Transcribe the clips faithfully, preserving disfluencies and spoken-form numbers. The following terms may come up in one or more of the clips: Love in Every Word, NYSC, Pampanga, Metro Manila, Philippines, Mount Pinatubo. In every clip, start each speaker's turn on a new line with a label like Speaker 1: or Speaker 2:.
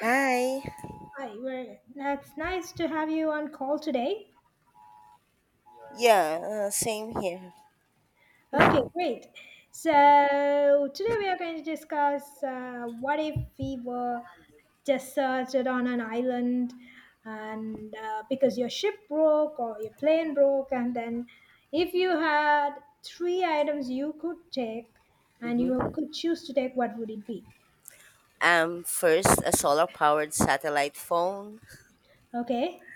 Speaker 1: Hi.
Speaker 2: Hi, well, that's nice to have you on call today.
Speaker 1: Yeah, uh, same here.
Speaker 2: Okay, great. So, today we are going to discuss uh, what if we were just deserted on an island and uh, because your ship broke or your plane broke, and then if you had three items you could take and you
Speaker 1: Hmm.
Speaker 2: could choose to take, what would it be?
Speaker 1: Um, first, a solar-powered satellite phone.
Speaker 2: Okay.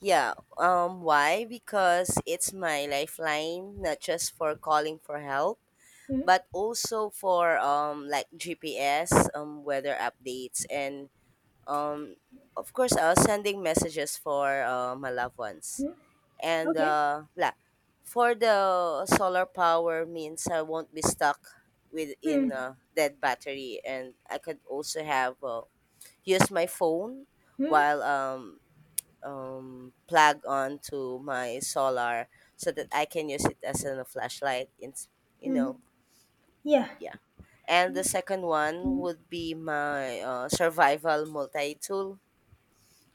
Speaker 1: Yeah. Um, why? Because it's my lifeline, not just for calling for help,
Speaker 2: Hmm.
Speaker 1: but also for um like G P S, um, weather updates, and um, of course, uh, sending messages for uh, my loved ones.
Speaker 2: Hmm.
Speaker 1: And
Speaker 2: Okay.
Speaker 1: uh, la For the solar power means I won't be stuck
Speaker 2: Hmm.
Speaker 1: within a dead battery, and I could also have uh, use my phone
Speaker 2: Hmm.
Speaker 1: while um um plug on to my solar so that I can use it as a flashlight. In you
Speaker 2: Hmm.
Speaker 1: know
Speaker 2: Yeah.
Speaker 1: yeah. And the second one
Speaker 2: Hmm.
Speaker 1: would be my uh, survival multi tool.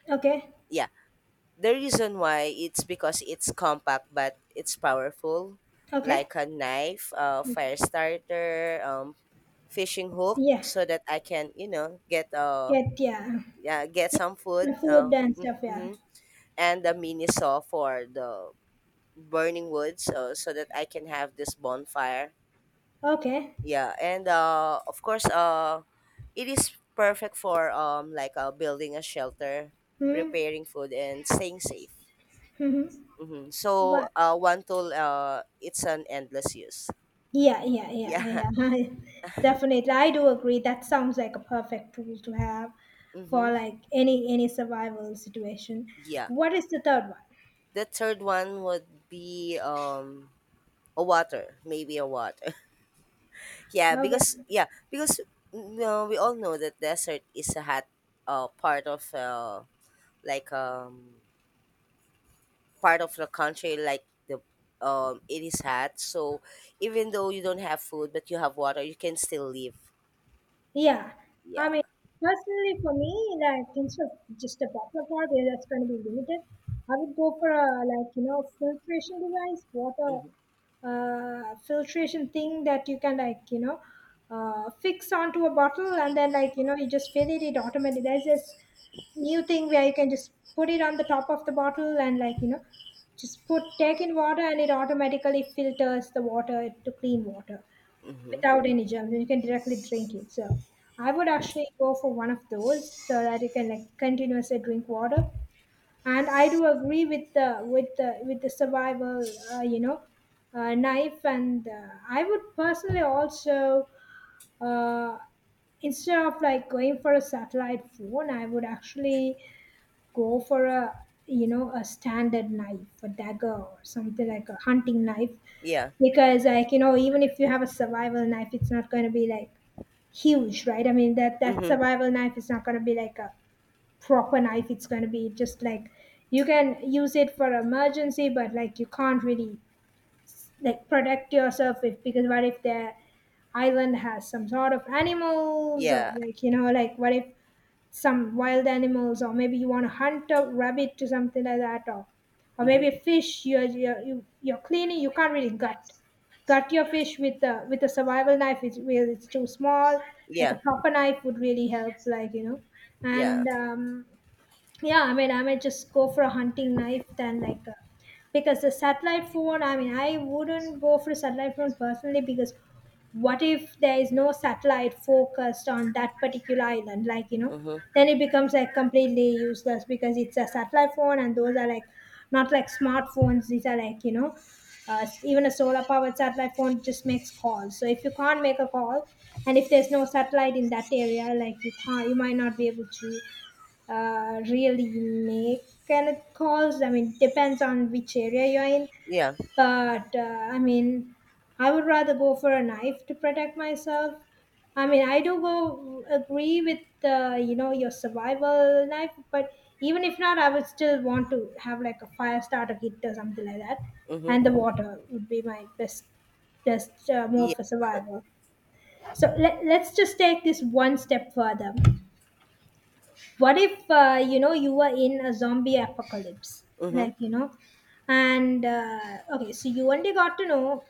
Speaker 2: Okay.
Speaker 1: Yeah. The reason why it's because it's compact but it's powerful,
Speaker 2: Okay.
Speaker 1: like a knife, a fire starter, um, fishing hook,
Speaker 2: Yeah,
Speaker 1: so that I can you know get uh
Speaker 2: get yeah,
Speaker 1: yeah, get
Speaker 2: yeah,
Speaker 1: some
Speaker 2: the
Speaker 1: food.
Speaker 2: food
Speaker 1: Uh,
Speaker 2: and
Speaker 1: mm,
Speaker 2: stuff. Yeah.
Speaker 1: mm-hmm. And a mini saw for the burning wood, so so that I can have this bonfire.
Speaker 2: Okay.
Speaker 1: Yeah, and uh of course uh it is perfect for um like uh building a shelter,
Speaker 2: Hmm.
Speaker 1: preparing food, and staying safe.
Speaker 2: Hmm.
Speaker 1: Mm-hmm. So
Speaker 2: What?
Speaker 1: uh, one tool, uh, it's an endless use.
Speaker 2: Yeah, yeah, yeah, yeah.
Speaker 1: Yeah.
Speaker 2: Definitely, I do agree. That sounds like a perfect tool to have for
Speaker 1: Mm-hmm.
Speaker 2: like any any survival situation.
Speaker 1: Yeah.
Speaker 2: What is the third one?
Speaker 1: The third one would be um a water, maybe a water. yeah, because
Speaker 2: Okay.
Speaker 1: yeah, because you know, we all know that desert is a hot uh part of uh like um part of the country like the um it is hot. So even though you don't have food but you have water, you can still live.
Speaker 2: Yeah, I
Speaker 1: Yeah.
Speaker 2: mean, personally for me, like instead of just a buffer bar where that's going to be limited, I would go for a, like you know, filtration device, water,
Speaker 1: Mm-hmm.
Speaker 2: uh, filtration thing that you can, like you know, uh, fix onto a bottle and then, like you know, you just fill it it automatically. There's this new thing where you can just put it on the top of the bottle and, like you know, just put take in water and it automatically filters the water to clean water
Speaker 1: Mm-hmm.
Speaker 2: without any germs and you can directly drink it. So I would actually go for one of those so that you can, like, continuously drink water. And I do agree with the with the with the survival, uh, you know, uh, knife. And uh, I would personally also uh, instead of like going for a satellite phone, I would actually go for a, you know, a standard knife, a dagger or something like a hunting knife,
Speaker 1: Yeah.
Speaker 2: because, like you know, even if you have a survival knife, it's not going to be like huge, right? I mean that that
Speaker 1: Mm-hmm.
Speaker 2: survival knife is not going to be like a proper knife. It's going to be just like you can use it for emergency, but like you can't really like protect yourself if, because what if the island has some sort of animals, or,
Speaker 1: Yeah.
Speaker 2: like you know, like what if some wild animals, or maybe you want to hunt a rabbit or something like that, or or
Speaker 1: Mm-hmm.
Speaker 2: maybe a fish you're you're, you- you're cleaning, you can't really gut gut your fish with a, with a survival knife, it's really it's too small. Like
Speaker 1: Yeah.
Speaker 2: a proper knife would really help, like you know.
Speaker 1: Yeah.
Speaker 2: And um yeah, I mean, I might just go for a hunting knife than like a, because the satellite phone, I mean, I wouldn't go for a satellite phone personally because what if there is no satellite focused on that particular island, like you know,
Speaker 1: Mm-hmm.
Speaker 2: then it becomes like completely useless because it's a satellite phone and those are like not like smartphones, these are like you know, uh, s- even a solar powered satellite phone just makes calls, so if you can't make a call and if there's no satellite in that area, like you can't, you might not be able to uh, really make any calls. I mean, depends on which area you're in.
Speaker 1: Yeah.
Speaker 2: But uh, I mean, I would rather go for a knife to protect myself. I mean, I do go agree with the, you know, your survival knife, but even if not, I would still want to have like a fire starter kit or something like that, and the
Speaker 1: Mm-hmm.
Speaker 2: water would be my best best uh,
Speaker 1: Yeah.
Speaker 2: mode for survival. So let, let's just take this one step further. What if, uh, you know, you were in a zombie apocalypse,
Speaker 1: Mm-hmm.
Speaker 2: like you know, and uh, okay, so you only got to know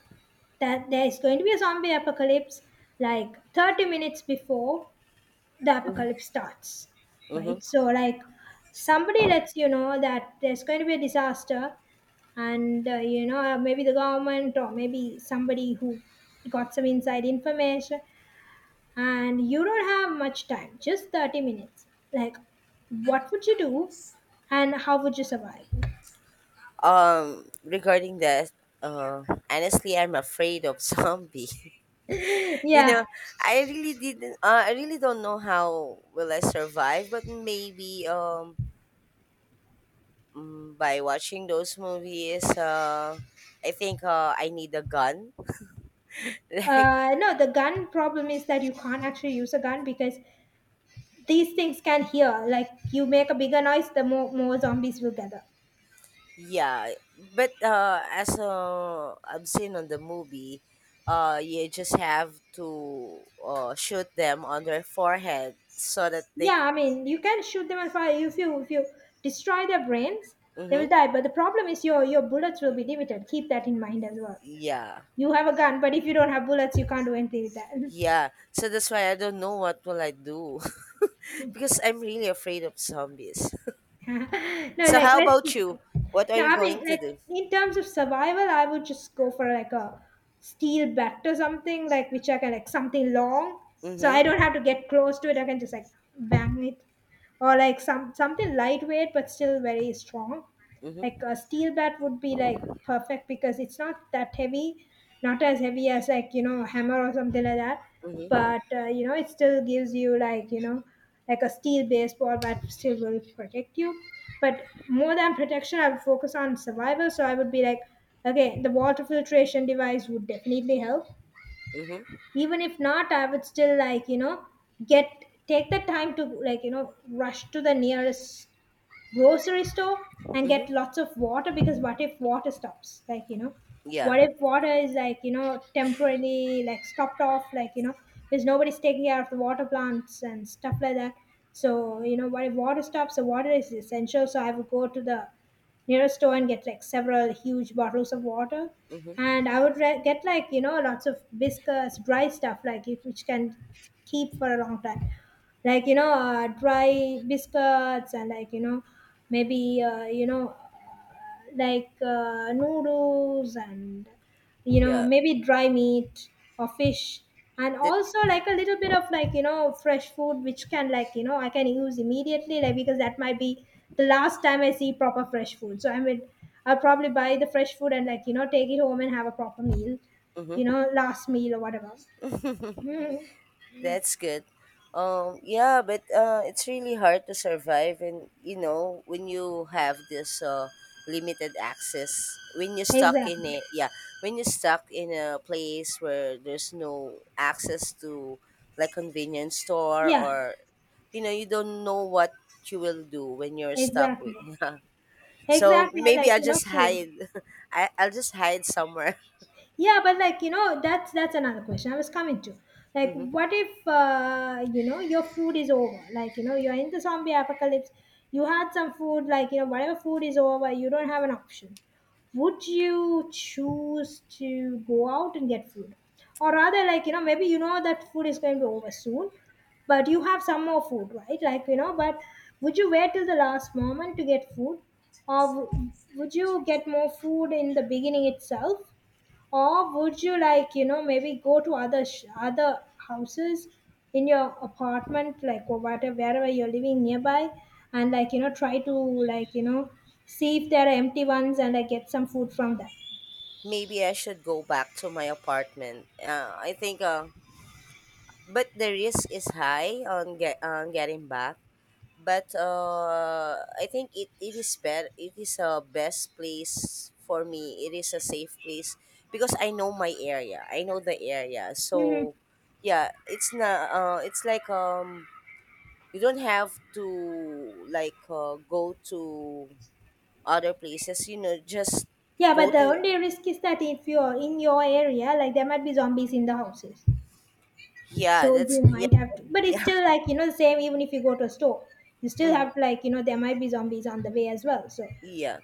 Speaker 2: that there is going to be a zombie apocalypse like thirty minutes before the
Speaker 1: Mm-hmm.
Speaker 2: apocalypse starts,
Speaker 1: Mm-hmm.
Speaker 2: right? So like somebody lets you know that there's going to be a disaster, and uh, you know, maybe the government or maybe somebody who got some inside information, and you don't have much time, just thirty minutes. Like, what would you do and how would you survive?
Speaker 1: Um, regarding that, uh, honestly, I'm afraid of zombie. you
Speaker 2: yeah.
Speaker 1: know, I really didn't. Uh, I really don't know how will I survive, but maybe um mm, by watching those movies, uh, I think uh, I need a gun. like
Speaker 2: Uh, no, the gun problem is that you can't actually use a gun because these things can hear. Like, you make a bigger noise, the more, more zombies will gather.
Speaker 1: Yeah, but uh, as uh, I've seen on the movie, uh, you just have to uh, shoot them on their forehead so that they.
Speaker 2: Yeah, I mean, you can shoot them and fire. If you if you destroy their brains, they will
Speaker 1: Mm-hmm.
Speaker 2: die. But the problem is your your bullets will be limited. Keep that in mind as well.
Speaker 1: Yeah,
Speaker 2: You have a gun, but if you don't have bullets, you can't do anything with that.
Speaker 1: yeah. So that's why I don't know what will I do because I'm really afraid of zombies.
Speaker 2: no,
Speaker 1: So
Speaker 2: like
Speaker 1: how
Speaker 2: let's
Speaker 1: about
Speaker 2: just
Speaker 1: you? What are
Speaker 2: no,
Speaker 1: you
Speaker 2: I mean
Speaker 1: going to
Speaker 2: like,
Speaker 1: do?
Speaker 2: in terms of survival, I would just go for like a steel bat or something, like which I can, like, something long. So I
Speaker 1: Mm-hmm.
Speaker 2: don't have to get close to it, I can just like bang it. Or like some something lightweight but still very strong.
Speaker 1: Mm-hmm.
Speaker 2: Like a steel bat would be like perfect because it's not that heavy, not as heavy as, like, you know, a hammer or something like that.
Speaker 1: Mm-hmm.
Speaker 2: But uh, you know, it still gives you like, you know, like a steel based wall that still will protect you. But more than protection, I would focus on survival. So I would be like, okay, the water filtration device would definitely help.
Speaker 1: Mm-hmm.
Speaker 2: Even if not, I would still like, you know, get, take the time to, like, you know, rush to the nearest grocery store and get
Speaker 1: Mm-hmm.
Speaker 2: lots of water because what if water stops, like you know,
Speaker 1: Yeah.
Speaker 2: what if water is, like you know, temporarily like stopped off, like you know, because nobody's taking care of the water plants and stuff like that, so you know, what if water stops? The water is essential, so I would go to the nearest store and get like several huge bottles of water.
Speaker 1: Mm-hmm.
Speaker 2: And I would re- get, like, you know, lots of biscuits, dry stuff, like it- which can keep for a long time. Like, you know, uh, dry biscuits and, like, you know, maybe, uh, you know, uh, like uh, noodles and, you know,
Speaker 1: Yeah.
Speaker 2: maybe dry meat or fish, and
Speaker 1: That.
Speaker 2: also like a little bit of, like, you know, fresh food, which can, like, you know, I can use immediately, like, because that might be the last time I see proper fresh food. So, I mean, I'll probably buy the fresh food and, like you know, take it home and have a proper meal, you
Speaker 1: Mm-hmm.
Speaker 2: know, last meal or whatever. mm,
Speaker 1: That's good. Um, yeah, but uh, it's really hard to survive, and you know when you have this uh, limited access, when you're stuck in a
Speaker 2: exactly.
Speaker 1: yeah, when you're stuck in a place where there's no access to like convenience store
Speaker 2: Yeah.
Speaker 1: or you know you don't know what you will do when you're stuck with
Speaker 2: Exactly
Speaker 1: yeah. So
Speaker 2: exactly, and,
Speaker 1: maybe
Speaker 2: like,
Speaker 1: I
Speaker 2: you know,
Speaker 1: just
Speaker 2: food.
Speaker 1: hide. I I'll just hide somewhere.
Speaker 2: Yeah, but, like, you know, that's that's another question I was coming to. Like,
Speaker 1: hmm.
Speaker 2: what if, uh, you know, your food is over, like you know, you're in the zombie apocalypse, you had some food, like you know, whatever food is over, you don't have an option. Would you choose to go out and get food, or rather, like, you know, maybe you know that food is going to be over soon, but you have some more food, right? Like, you know, but would you wait till the last moment to get food, or w- would you get more food in the beginning itself, or would you, like, you know, maybe go to other sh- other houses in your apartment, like, or whatever, wherever you're living nearby, and, like you know, try to, like, you know, see if there are empty ones and, like, get some food from that.
Speaker 1: Maybe I should go back to my apartment. Uh, I think uh, But the risk is high on get on getting back. But uh, I think it, it is better. It is a best place for me. It is a safe place because I know my area. I know the area.
Speaker 2: Hmm.
Speaker 1: So yeah, it's not. Uh, it's like um, you don't have to like uh, go to other places. You know, just
Speaker 2: Yeah,
Speaker 1: go
Speaker 2: but the
Speaker 1: to.
Speaker 2: only risk is that if you're in your area, like, there might be zombies in the houses.
Speaker 1: Yeah,
Speaker 2: So
Speaker 1: that's
Speaker 2: you
Speaker 1: yeah.
Speaker 2: might have to, but it's
Speaker 1: yeah.
Speaker 2: still, like, you know, the same even if you go to a store. You still
Speaker 1: Mhm,
Speaker 2: have, like, you know, there might be zombies on the way as well. So,
Speaker 1: yeah.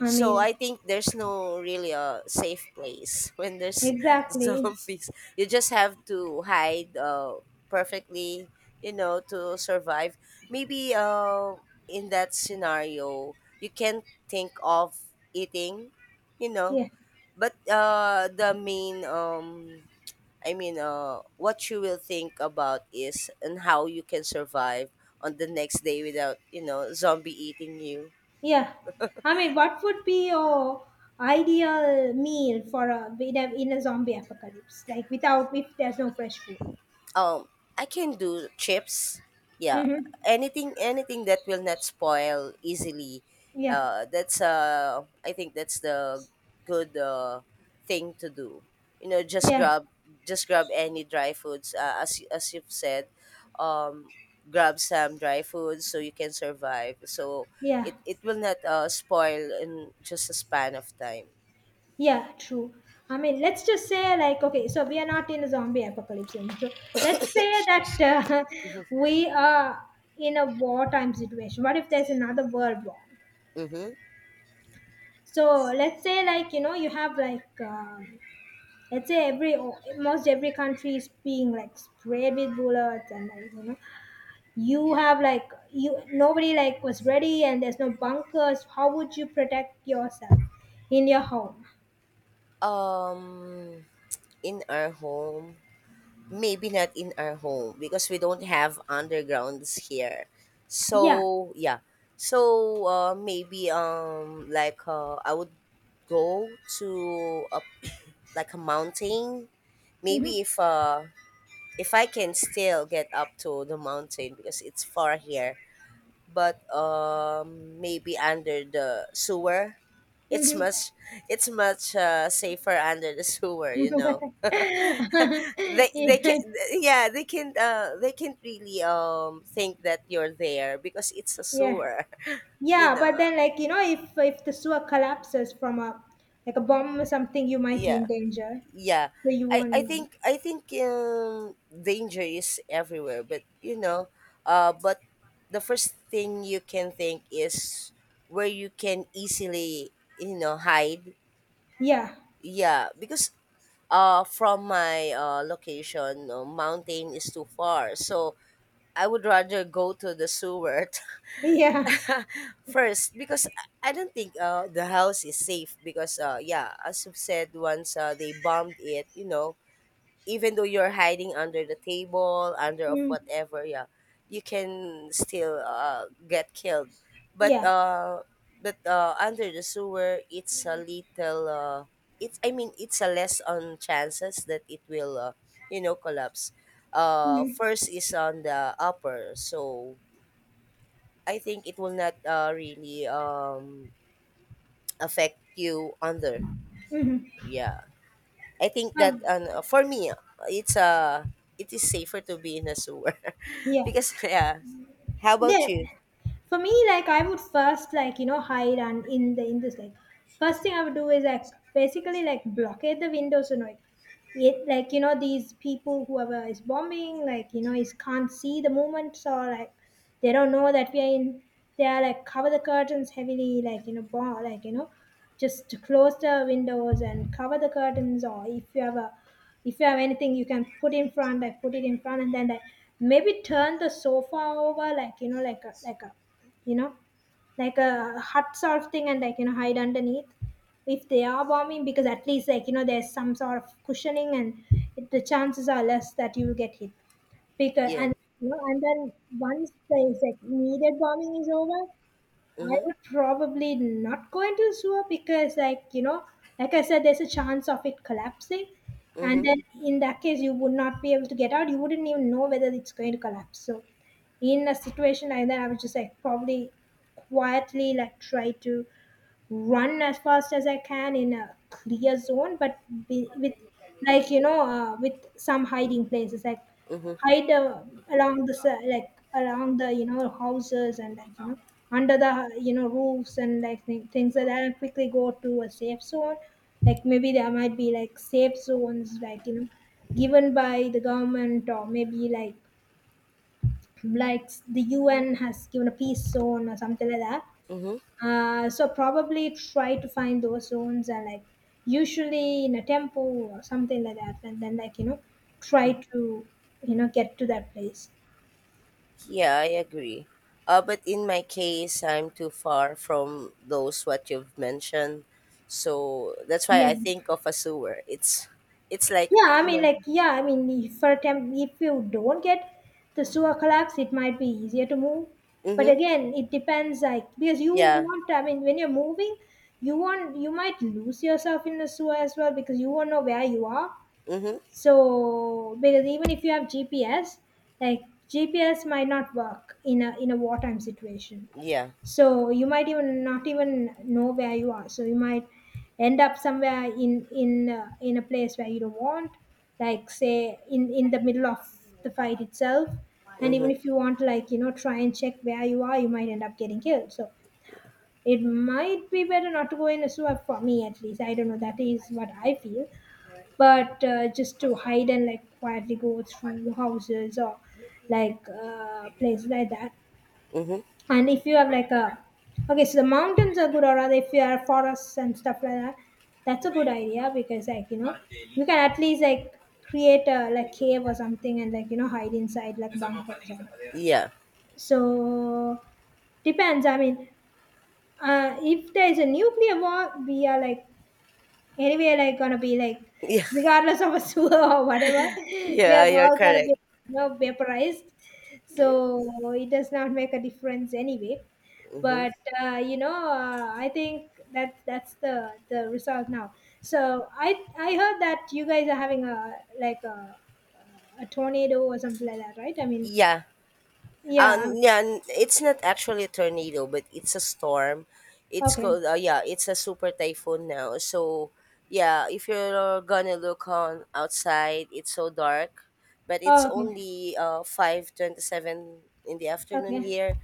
Speaker 2: I
Speaker 1: So
Speaker 2: mean,
Speaker 1: I think there's no really a safe place when there's
Speaker 2: exactly.
Speaker 1: zombies. You just have to hide uh, perfectly, you know, to survive. Maybe uh, in that scenario, you can think of eating, you know.
Speaker 2: Yeah.
Speaker 1: But uh, the main, um, I mean, uh, what you will think about is and how you can survive on the next day without, you know, zombie eating you.
Speaker 2: Yeah, I mean, what would be your ideal meal for a, in a, in a zombie apocalypse? Like, without, if there's no fresh food.
Speaker 1: Um, I can do chips. Yeah,
Speaker 2: Mm-hmm.
Speaker 1: anything, anything that will not spoil easily.
Speaker 2: Yeah,
Speaker 1: Uh, that's uh, I think that's the good uh, thing to do. You know, just
Speaker 2: yeah,
Speaker 1: grab, just grab any dry foods. Uh, as y- as you've said, um, grab some dry foods so you can survive. So
Speaker 2: yeah,
Speaker 1: it it will not uh, spoil in just a span of time.
Speaker 2: yeah. True. I mean, let's just say, like, okay, so we are not in a zombie apocalypse anymore. So let's say that uh, we are in a wartime situation. What if there's another world war?
Speaker 1: Mm-hmm.
Speaker 2: So let's say, like, you know, you have like. Um, Let's say every most every country is being like sprayed with bullets and, like, you know, you have like, you nobody like was ready, and there's no bunkers. How would you protect yourself in your home?
Speaker 1: Um, in our home. Maybe not in our home because we don't have undergrounds here.
Speaker 2: Yeah.
Speaker 1: So yeah. So uh, maybe um like uh, I would go to a, like a mountain.
Speaker 2: Hmm.
Speaker 1: Maybe if uh if I can still get up to the mountain because it's far here. But um maybe under the sewer. It's
Speaker 2: Hmm.
Speaker 1: much it's much uh, safer under the sewer, you know.
Speaker 2: Yeah.
Speaker 1: they they can yeah, they can uh they can't really um think that you're there because it's a
Speaker 2: Yeah.
Speaker 1: sewer, you
Speaker 2: Yeah, but
Speaker 1: know.
Speaker 2: then, like, you know, if if the sewer collapses from a like a bomb or something, you might be in
Speaker 1: Yeah,
Speaker 2: danger.
Speaker 1: yeah.
Speaker 2: So you
Speaker 1: I
Speaker 2: won't
Speaker 1: I
Speaker 2: know.
Speaker 1: think i think um danger is everywhere, but you know uh but the first thing you can think is where you can easily, you know, hide.
Speaker 2: Yeah.
Speaker 1: Yeah, because uh from my uh location, uh, mountain is too far, so I would rather go to the sewer.
Speaker 2: Yeah.
Speaker 1: First, because I I don't think uh, the house is safe because uh, yeah, as you've said, once uh, they bombed it, you know, even though you're hiding under the table, under of
Speaker 2: Mm.
Speaker 1: whatever, yeah, you can still uh, get killed. But
Speaker 2: Yeah.
Speaker 1: uh, but uh, under the sewer, it's a little. Uh, it's I mean, it's a less on chances that it will, uh, you know, collapse. Uh,
Speaker 2: Mm-hmm.
Speaker 1: first is on the upper, so I think it will not uh, really um, affect you under.
Speaker 2: Mhm.
Speaker 1: Yeah, I think that
Speaker 2: Um,
Speaker 1: uh, for me, uh, it's uh, it is safer to be in a sewer
Speaker 2: yeah.
Speaker 1: because yeah. How about
Speaker 2: Then
Speaker 1: you?
Speaker 2: for me, like I would first like you know hide and in the in this like first thing I would do is like basically like blockade the windows and like it like you know these people whoever is bombing like you know is can't see the movements or like they don't know that we are in they are like cover the curtains heavily like you know bomb like you know just to close the windows and cover the curtains or if you have a if you have anything you can put in front like put it in front and then like maybe turn the sofa over like you know like a like a you know like a hut sort of thing and like you know hide underneath if they are bombing because at least like you know there's some sort of cushioning and it, the chances are less that you will get hit because
Speaker 1: Yeah.
Speaker 2: and you know, and then once the like, immediate bombing is over I
Speaker 1: Mhm.
Speaker 2: would probably not go into a sewer because, like, you know, like I said, there's a chance of it collapsing. And
Speaker 1: Mhm.
Speaker 2: then in that case, you would not be able to get out. You wouldn't even know whether it's going to collapse. So, in a situation like that, I would just like probably quietly like try to run as fast as I can in a clear zone, but be, with like you know uh, with some hiding places, like
Speaker 1: Mhm.
Speaker 2: hide uh, along the se- like along the you know houses and like you know under the you know roofs and like th- things like that, and quickly go to a safe zone. Like maybe there might be like safe zones, like you know, given by the government or maybe like like the U N has given a peace zone or something like that
Speaker 1: Mhm.
Speaker 2: uh, so probably try to find those zones and like usually in a temple or something like that, and then like you know try to you know get to that place.
Speaker 1: Yeah, I agree. Uh, but in my case, I'm too far from those what you've mentioned, so that's why
Speaker 2: Yeah.
Speaker 1: I think of a sewer. It's, it's like
Speaker 2: Yeah, I
Speaker 1: you
Speaker 2: mean,
Speaker 1: know.
Speaker 2: like, yeah, I mean, if for temp, if you don't get the sewer collapse, it might be easier to move. But
Speaker 1: Mhm.
Speaker 2: again, it depends, like, because you
Speaker 1: Yeah.
Speaker 2: want, I mean, when you're moving, you want, you might lose yourself in the sewer as well because you won't know where you are.
Speaker 1: Mhm.
Speaker 2: So because even if you have G P S, like G P S might not work in a in a wartime situation.
Speaker 1: Yeah.
Speaker 2: So you might even not even know where you are. So you might end up somewhere in in uh, in a place where you don't want, like say in in the middle of the fight itself. And even
Speaker 1: Mhm.
Speaker 2: if you want, like you know, try and check where you are, you might end up getting killed. So it might be better not to go in a swap for me at least. I don't know. That is what I feel but uh, just to hide and like quietly go through houses or like uh, places like that.
Speaker 1: Mhm.
Speaker 2: And if you have like a okay, so the mountains are good, or rather, if you are forests and stuff like that, that's a good idea because like you know you can at least like create a like cave or something and like you know hide inside like bunkers or
Speaker 1: Yeah.
Speaker 2: so depends. I mean, uh, if there is a nuclear war, we are like anyway, like gonna be like,
Speaker 1: Yeah.
Speaker 2: regardless of a sewer or whatever, we are
Speaker 1: Yeah, you're
Speaker 2: all gonna be
Speaker 1: correct.
Speaker 2: you know vaporized.
Speaker 1: Yeah.
Speaker 2: So it does not make a difference anyway.
Speaker 1: Hmm.
Speaker 2: But uh, you know, uh, I think that that's the the result now. So I I heard that you guys are having a like a, a tornado or something like that, right? I mean,
Speaker 1: Yeah.
Speaker 2: yeah.
Speaker 1: Um,
Speaker 2: um,
Speaker 1: yeah, n- it's not actually a tornado, but it's a storm. It's
Speaker 2: Okay.
Speaker 1: called, uh, yeah, it's a super typhoon now. So, yeah, if you're gonna look on outside, it's so dark, but it's
Speaker 2: Oh, okay.
Speaker 1: only uh five twenty-seven in the afternoon
Speaker 2: Okay.
Speaker 1: here,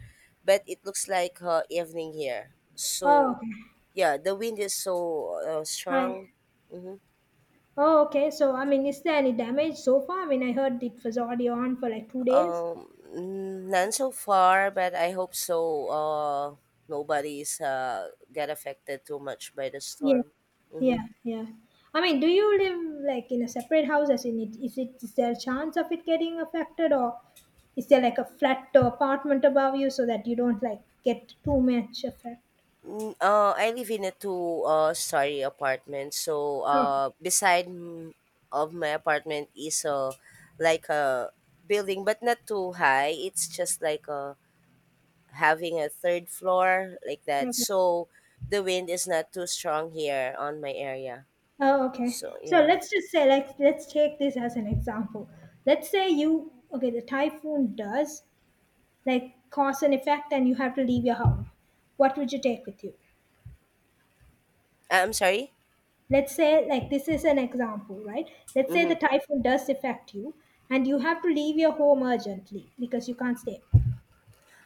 Speaker 1: but it looks like uh, evening here.
Speaker 2: Oh,
Speaker 1: So,
Speaker 2: okay.
Speaker 1: yeah, the wind is so uh,
Speaker 2: Hi.
Speaker 1: strong. Mm-hmm.
Speaker 2: Oh, okay. So, I mean, is there any damage so far? I mean, I heard it was already on for like two days.
Speaker 1: Um, none so far, but I hope so. Uh, nobody's uh get affected too much by the
Speaker 2: Yeah,
Speaker 1: storm. Mm-hmm.
Speaker 2: yeah, yeah. I mean, do you live like in a separate house? As in, it is it is there a chance of it getting affected, or is there like a flat or apartment above you so that you don't like get too much effect?
Speaker 1: Mm, Uh, I live in a two uh story apartment, so
Speaker 2: Oh,
Speaker 1: uh beside m- of my apartment is a like a building, but not too high. It's just like a having a third floor like that.
Speaker 2: okay.
Speaker 1: So the wind is not too strong here on my area.
Speaker 2: Oh, okay.
Speaker 1: So
Speaker 2: So
Speaker 1: yeah,
Speaker 2: let's just say, like, let's take this as an example. Let's say you, okay, the typhoon does like cause and effect and you have to leave your home what would you take with you
Speaker 1: I- I'm sorry.
Speaker 2: let's say like this is an example right let's say the
Speaker 1: Mm-hmm.
Speaker 2: typhoon does affect you and you have to leave your home urgently because you can't stay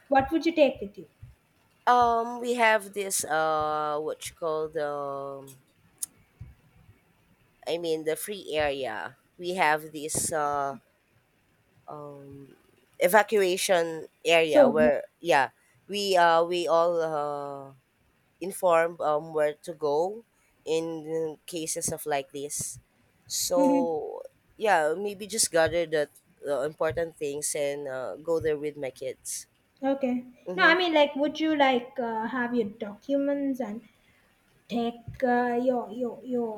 Speaker 2: what would you take with you
Speaker 1: Um, we have this uh, what you call the, um, I mean the free area. We have this uh, um, evacuation area
Speaker 2: so yeah
Speaker 1: where yeah we uh we all uh inform um where to go in cases of like this.
Speaker 2: hmm
Speaker 1: So yeah, maybe just gather the uh, important things and uh, go there with my kids.
Speaker 2: okay no I
Speaker 1: Mm-hmm.
Speaker 2: mean like would you like uh, have your documents and take uh, your your your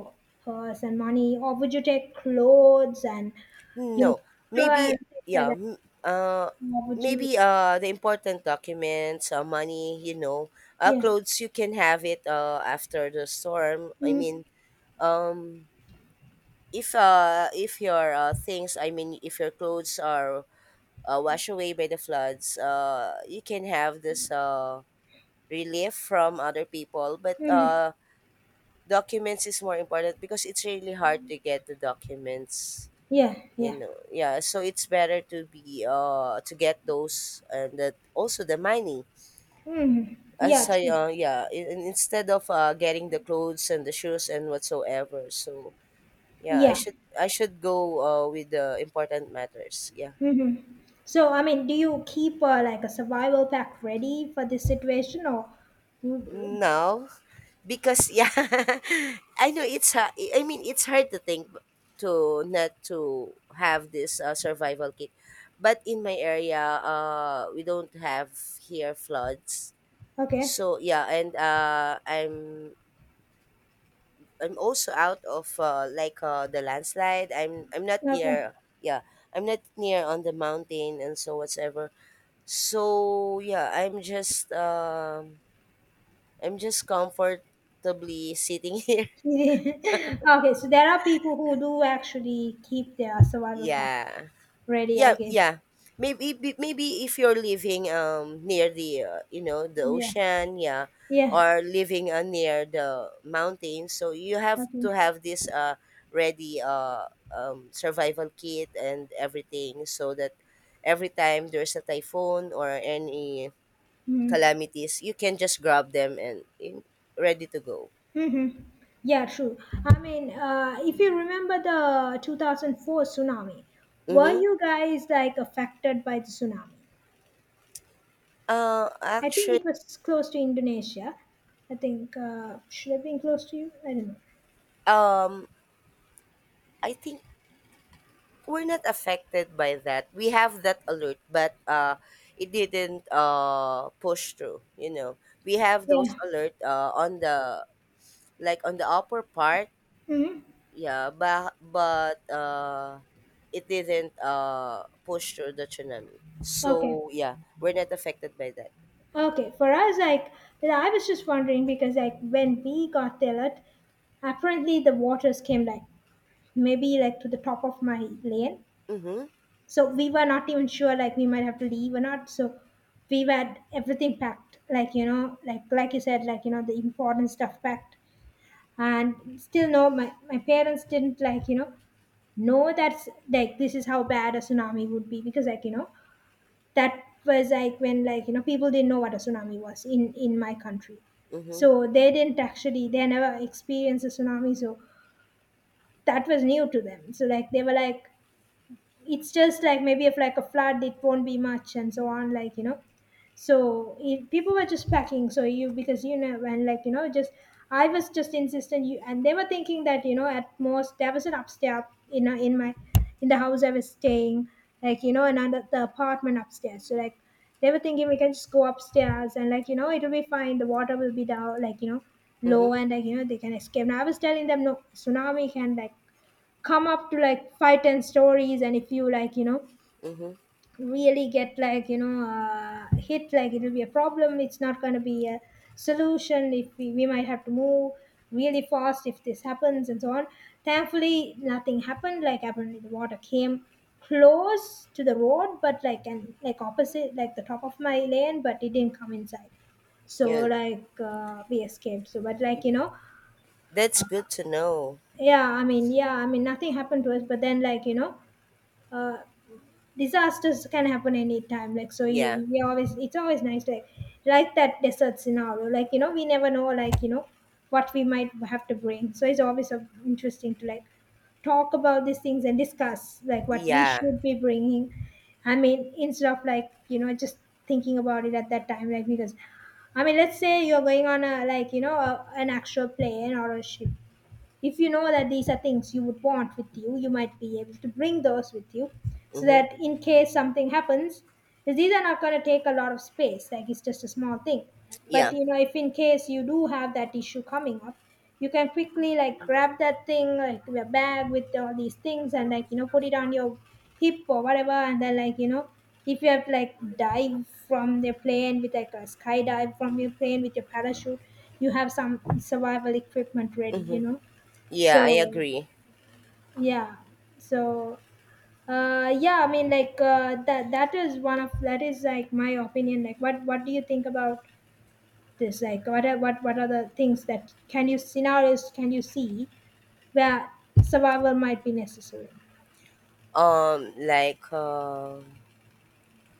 Speaker 2: purse and money or would you take clothes and you
Speaker 1: No,
Speaker 2: know water
Speaker 1: maybe
Speaker 2: and things like
Speaker 1: yeah.
Speaker 2: that
Speaker 1: m- Uh,
Speaker 2: or would you
Speaker 1: Maybe uh the important documents, uh, money, you know, uh,
Speaker 2: yeah
Speaker 1: clothes. You can have it uh after the storm. I mean,
Speaker 2: mm-hmm.
Speaker 1: um, if uh if your uh, things, I mean, if your clothes are uh, washed away by the floods, uh, you can have this uh relief from other people. But
Speaker 2: Mm-hmm.
Speaker 1: uh, documents is more important because it's really hard to get the documents.
Speaker 2: Yeah,
Speaker 1: You
Speaker 2: yeah.
Speaker 1: know, yeah, so it's better to be uh to get those, and that also the money.
Speaker 2: Hmm.
Speaker 1: As
Speaker 2: Yeah,
Speaker 1: I
Speaker 2: true.
Speaker 1: uh Yeah, in, in- instead of uh getting the clothes and the shoes and whatsoever, so yeah, i
Speaker 2: Yeah.
Speaker 1: should I should go uh with the important matters, yeah.
Speaker 2: Hmm. So, I mean, do you keep uh, like a survival pack ready for this situation or
Speaker 1: Now, because yeah, i know it's ha- I mean it's hard to think to not to have this uh, survival kit, but in my area uh we don't have here floods.
Speaker 2: okay.
Speaker 1: So yeah, and uh, I'm I'm also out of uh, like uh, the landslide. I'm I'm not
Speaker 2: Okay.
Speaker 1: near yeah, I'm not near on the mountain and so whatsoever. So yeah, I'm just um I'm just comfortably sitting here.
Speaker 2: okay, so there are people who do actually keep their survival pack
Speaker 1: Yeah.
Speaker 2: ready, I
Speaker 1: Yeah,
Speaker 2: guess.
Speaker 1: yeah. Maybe b- maybe if you're living um near the uh, you know, the
Speaker 2: Yeah.
Speaker 1: ocean, yeah,
Speaker 2: Yeah.
Speaker 1: or living uh, near the mountains, so you have
Speaker 2: Okay.
Speaker 1: to have this uh ready uh um survival kit and everything so that every time there's a typhoon or any
Speaker 2: Mm.
Speaker 1: calamities, you can just grab them and in, ready to go.
Speaker 2: Mm-hmm. Yeah, true. I mean, uh, if you remember the two thousand four tsunami, were
Speaker 1: Mm-hmm.
Speaker 2: you guys like affected by the tsunami?
Speaker 1: Uh,
Speaker 2: I think
Speaker 1: actually,
Speaker 2: it was close to Indonesia. I think uh, should have been close to you. I don't know.
Speaker 1: um, I think we're not affected by that. We have that alert, but uh, it didn't uh, push through. You know, we have those
Speaker 2: Yeah.
Speaker 1: alert uh, on the like on the upper part.
Speaker 2: Hmm.
Speaker 1: Yeah, but but uh, it didn't uh, push through the tsunami.
Speaker 2: Okay.
Speaker 1: So yeah, we're not affected by that.
Speaker 2: Okay. For us, like I was just wondering because like when we got there, like, apparently the waters came like maybe like to the top of my lane.
Speaker 1: Mm-hmm.
Speaker 2: So we were not even sure like we might have to leave or not. So we had everything packed, like you know, like like you said, like you know the important stuff packed and still no my, my parents didn't like you know no that's like this is how bad a tsunami would be because like you know that was like when like you know people didn't know what a tsunami was in in my country
Speaker 1: Mm-hmm.
Speaker 2: so they didn't actually they never experienced a tsunami so that was new to them so like they were like it's just like maybe if like a flood it won't be much and so on like you know so if people were just packing so you because you know and like you know just I was just insistent you and they were thinking that you know at most there was an upstairs in a- in my in the house I was staying like you know another the apartment upstairs so like they were thinking we can just go upstairs and like you know it'll be fine the water will be down like you know
Speaker 1: Mm-hmm.
Speaker 2: low and like you know they can escape now I was telling them no tsunami can like come up to like five ten stories and if you like you know
Speaker 1: Mm-hmm.
Speaker 2: really get like you know uh, hit like it'll be a problem it's not going to be a solution if we, we might have to move really fast if this happens and so on thankfully nothing happened like apparently the water came close to the road but like and like opposite like the top of my lane but it didn't come inside so
Speaker 1: Yeah,
Speaker 2: like uh, we escaped so but like you know
Speaker 1: that's
Speaker 2: uh,
Speaker 1: good to know.
Speaker 2: yeah I mean yeah I mean nothing happened to us but then like you know uh, disasters can happen anytime like so
Speaker 1: Yeah.
Speaker 2: you we always it's always nice to like like that desert scenario like you know we never know like you know what we might have to bring so it's always uh, interesting to like talk about these things and discuss like what we
Speaker 1: Yeah.
Speaker 2: should be bringing I mean instead of like you know just thinking about it at that time like because I mean let's say you're going on a like you know a, an actual plane or a ship if you know that these are things you would want with you you might be able to bring those with you so
Speaker 1: Mm-hmm.
Speaker 2: that in case something happens, because these are not going to take a lot of space like it's just a small thing but
Speaker 1: Yeah.
Speaker 2: you know if in case you do have that issue coming up you can quickly like grab that thing like your bag with all these things and like you know put it on your hip or whatever and then like you know if you have to like dive from the plane with like a skydive from your plane with your parachute you have some survival equipment ready you
Speaker 1: Mm-hmm.
Speaker 2: know
Speaker 1: Yeah, I
Speaker 2: so
Speaker 1: agree.
Speaker 2: yeah, so uh, yeah, I mean like uh, that that is one of that is like my opinion. Like what what do you think about this? Like what are what what are the things that can you scenarios can you see where survival might be necessary?
Speaker 1: um like um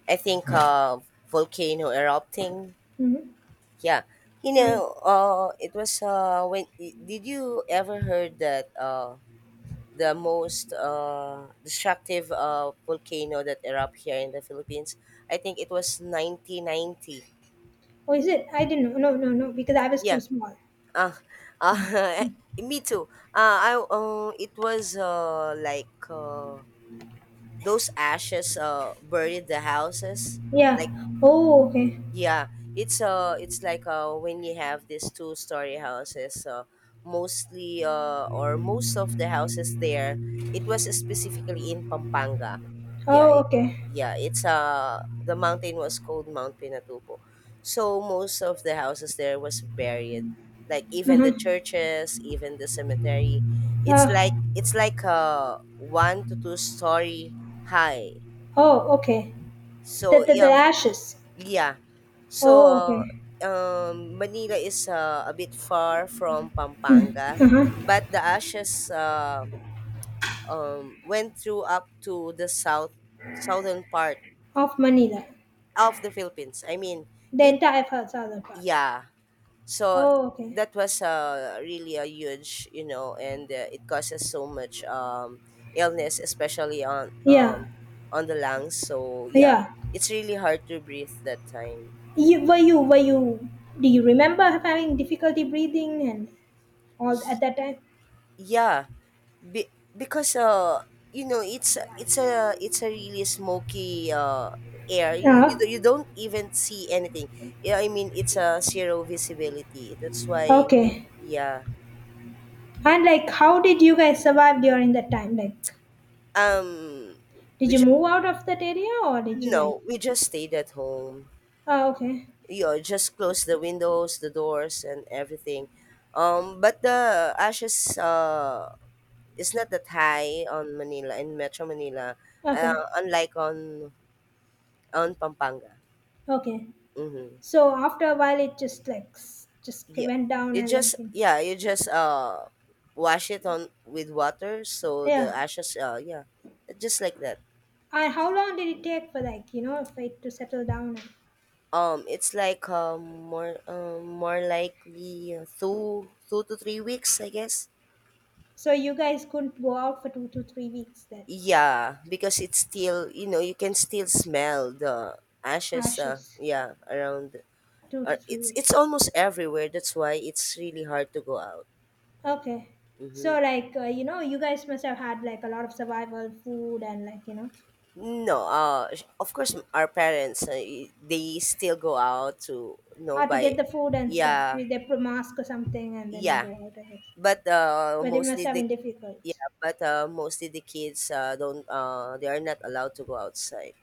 Speaker 1: I think uh volcano erupting,
Speaker 2: Mm-hmm.
Speaker 1: yeah. You
Speaker 2: Um,
Speaker 1: know, uh it was uh when did you ever heard that uh the most uh destructive uh volcano that erupt here in the Philippines? I think it was nineteen ninety.
Speaker 2: oh, is it? I didn't know. No, no, no, because I was too
Speaker 1: Yeah.
Speaker 2: small.
Speaker 1: uh, uh me too uh I uh, It was uh like uh those ashes uh buried the houses,
Speaker 2: Yeah.
Speaker 1: like
Speaker 2: Oh, okay.
Speaker 1: Yeah, it's uh it's like uh when you have these two story houses, uh mostly uh or most of the houses there, it was specifically in Pampanga. Yeah,
Speaker 2: Oh,
Speaker 1: it-
Speaker 2: okay.
Speaker 1: yeah, it's uh the mountain was called Mount Pinatubo. So most of the houses there was buried. Like even
Speaker 2: Uh-huh.
Speaker 1: the churches, even the cemetery. It's like
Speaker 2: Uh,
Speaker 1: it's like uh one to two story high.
Speaker 2: oh, okay.
Speaker 1: So
Speaker 2: The, the, the
Speaker 1: yeah,
Speaker 2: ashes.
Speaker 1: yeah. So,
Speaker 2: Oh,
Speaker 1: uh,
Speaker 2: okay.
Speaker 1: um, Manila is uh, a bit far from Pampanga,
Speaker 2: Uh-huh.
Speaker 1: but the ashes, uh, um, went through up to the south southern part
Speaker 2: Of Manila.
Speaker 1: of the Philippines. I mean,
Speaker 2: The
Speaker 1: it
Speaker 2: entire father part.
Speaker 1: yeah. So
Speaker 2: Oh, okay.
Speaker 1: that was uh, really a huge, you know, and uh, it causes so much um, illness, especially on
Speaker 2: Yeah,
Speaker 1: um, on the lungs. So yeah,
Speaker 2: yeah.
Speaker 1: it's really hard to breathe that time.
Speaker 2: You, were you, were you, do you remember having difficulty breathing and all at that time?
Speaker 1: Yeah, be, because uh, you know, it's it's a it's a really smoky uh air. You you,
Speaker 2: Uh,
Speaker 1: don't- you don't even see anything. Yeah, I mean, it's a zero visibility. That's why,
Speaker 2: okay.
Speaker 1: yeah.
Speaker 2: And like, how did you guys survive during that time? Like,
Speaker 1: Um,
Speaker 2: did
Speaker 1: we
Speaker 2: you
Speaker 1: just
Speaker 2: move out of that area or did you like?
Speaker 1: no, we just stayed at home.
Speaker 2: Oh, okay,
Speaker 1: You know, just close the windows, the doors, and everything. Um, but the ashes uh is not that high on Manila in Metro Manila, uh,
Speaker 2: okay,
Speaker 1: unlike on on Pampanga.
Speaker 2: okay.
Speaker 1: Mm-hmm.
Speaker 2: So after a while, it just like s- just
Speaker 1: Yeah.
Speaker 2: went down
Speaker 1: You
Speaker 2: and like,
Speaker 1: just yeah, you just uh wash it on with water, so
Speaker 2: yeah.
Speaker 1: the ashes uh yeah. Just like that.
Speaker 2: And how long did it take for like you know for it to settle down?
Speaker 1: Um it's like um more um more likely uh, two two to three weeks, I guess.
Speaker 2: So you guys couldn't go out for two to three weeks then.
Speaker 1: Yeah, because it's still you know, you can still smell the ashes uh
Speaker 2: Ashes.
Speaker 1: yeah, around
Speaker 2: Two to
Speaker 1: or it's
Speaker 2: three.
Speaker 1: it's almost everywhere. That's why it's really hard to go out.
Speaker 2: Okay.
Speaker 1: Mm-hmm.
Speaker 2: So like uh, you know, you guys must have had like a lot of survival food and like you know
Speaker 1: No, uh, sh- of course, m- our parents, uh, y- they still go out to you know
Speaker 2: how to
Speaker 1: by,
Speaker 2: get the food and stuff
Speaker 1: yeah,
Speaker 2: with a pro- mask or something and then
Speaker 1: yeah,
Speaker 2: go out. I guess,
Speaker 1: but uh,
Speaker 2: but it must
Speaker 1: mostly
Speaker 2: have
Speaker 1: the
Speaker 2: been difficult.
Speaker 1: yeah, but uh, mostly the kids uh, don't uh, they are not allowed to go outside.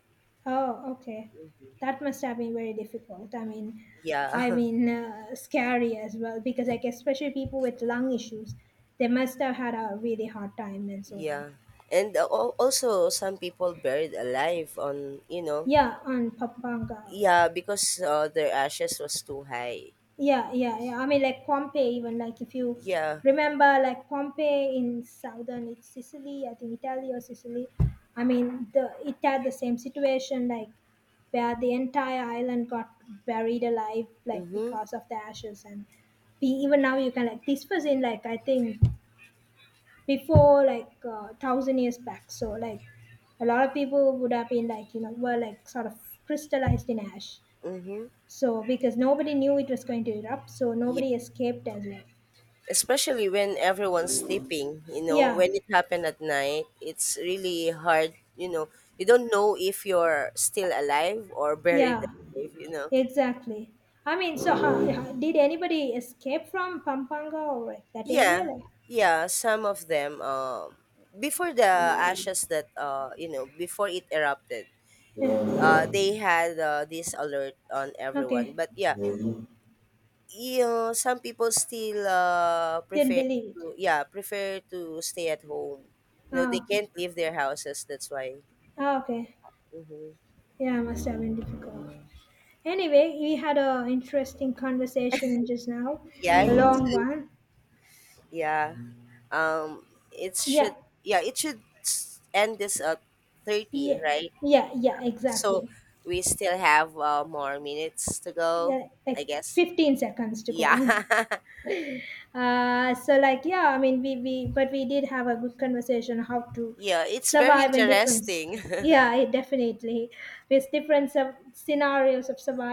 Speaker 2: Oh, okay. That must have been very difficult. I mean,
Speaker 1: Yeah,
Speaker 2: I mean, uh, scary as well because I guess especially people with lung issues, they must have had a really hard time and so on.
Speaker 1: yeah, and uh, al- also some people buried alive on you know
Speaker 2: Yeah, and Pampanga.
Speaker 1: yeah, because uh, their ashes was too high.
Speaker 2: Yeah, yeah, yeah. I mean, like Pompeii, even like if you
Speaker 1: Yeah.
Speaker 2: remember, like Pompeii in southern it's Sicily, I think Italy or Sicily. I mean, the it had the same situation, like where the entire island got buried alive, like
Speaker 1: Mhm.
Speaker 2: because of the ashes. And we, even now, you can like this was in like I think before like uh, thousand years back. So like a lot of people would have been like you know were like sort of crystallized in ash.
Speaker 1: Mhm.
Speaker 2: So because nobody knew it was going to erupt, so nobody escaped as well.
Speaker 1: Especially when everyone's sleeping, you know,
Speaker 2: Yeah,
Speaker 1: when it happened at night, it's really hard, you know, you don't know if you're still alive or buried
Speaker 2: yeah,
Speaker 1: alive, you know.
Speaker 2: exactly. I mean, so how, how- did anybody escape from Pampanga or like that area?
Speaker 1: Yeah,
Speaker 2: Like,
Speaker 1: yeah, some of them uh, before the ashes that uh you know before it erupted
Speaker 2: yeah.
Speaker 1: uh they had uh, this alert on everyone,
Speaker 2: Okay,
Speaker 1: but yeah, you know, some people still uh
Speaker 2: didn't
Speaker 1: prefer
Speaker 2: believe it.
Speaker 1: to yeah, prefer to stay at home. You know,
Speaker 2: Ah,
Speaker 1: they
Speaker 2: okay,
Speaker 1: can't leave their houses, that's why
Speaker 2: ah, okay.
Speaker 1: Mm-hmm.
Speaker 2: Yeah, must have been difficult. Anyway, we had a interesting conversation just now,
Speaker 1: Yeah,
Speaker 2: a
Speaker 1: you
Speaker 2: long
Speaker 1: too.
Speaker 2: one.
Speaker 1: Yeah. Um, it
Speaker 2: Yeah,
Speaker 1: should. Yeah, it should s- end this at thirty,
Speaker 2: yeah,
Speaker 1: right?
Speaker 2: yeah, yeah,
Speaker 1: So
Speaker 2: exactly.
Speaker 1: we still have uh, more minutes to go,
Speaker 2: Yeah,
Speaker 1: I
Speaker 2: like
Speaker 1: guess.
Speaker 2: fifteen seconds to
Speaker 1: Yeah.
Speaker 2: go. Uh, so like yeah I mean we, we but we did have a good conversation how to
Speaker 1: yeah, it's very
Speaker 2: survive in different
Speaker 1: interesting.
Speaker 2: yeah it definitely with different sub- scenarios of survival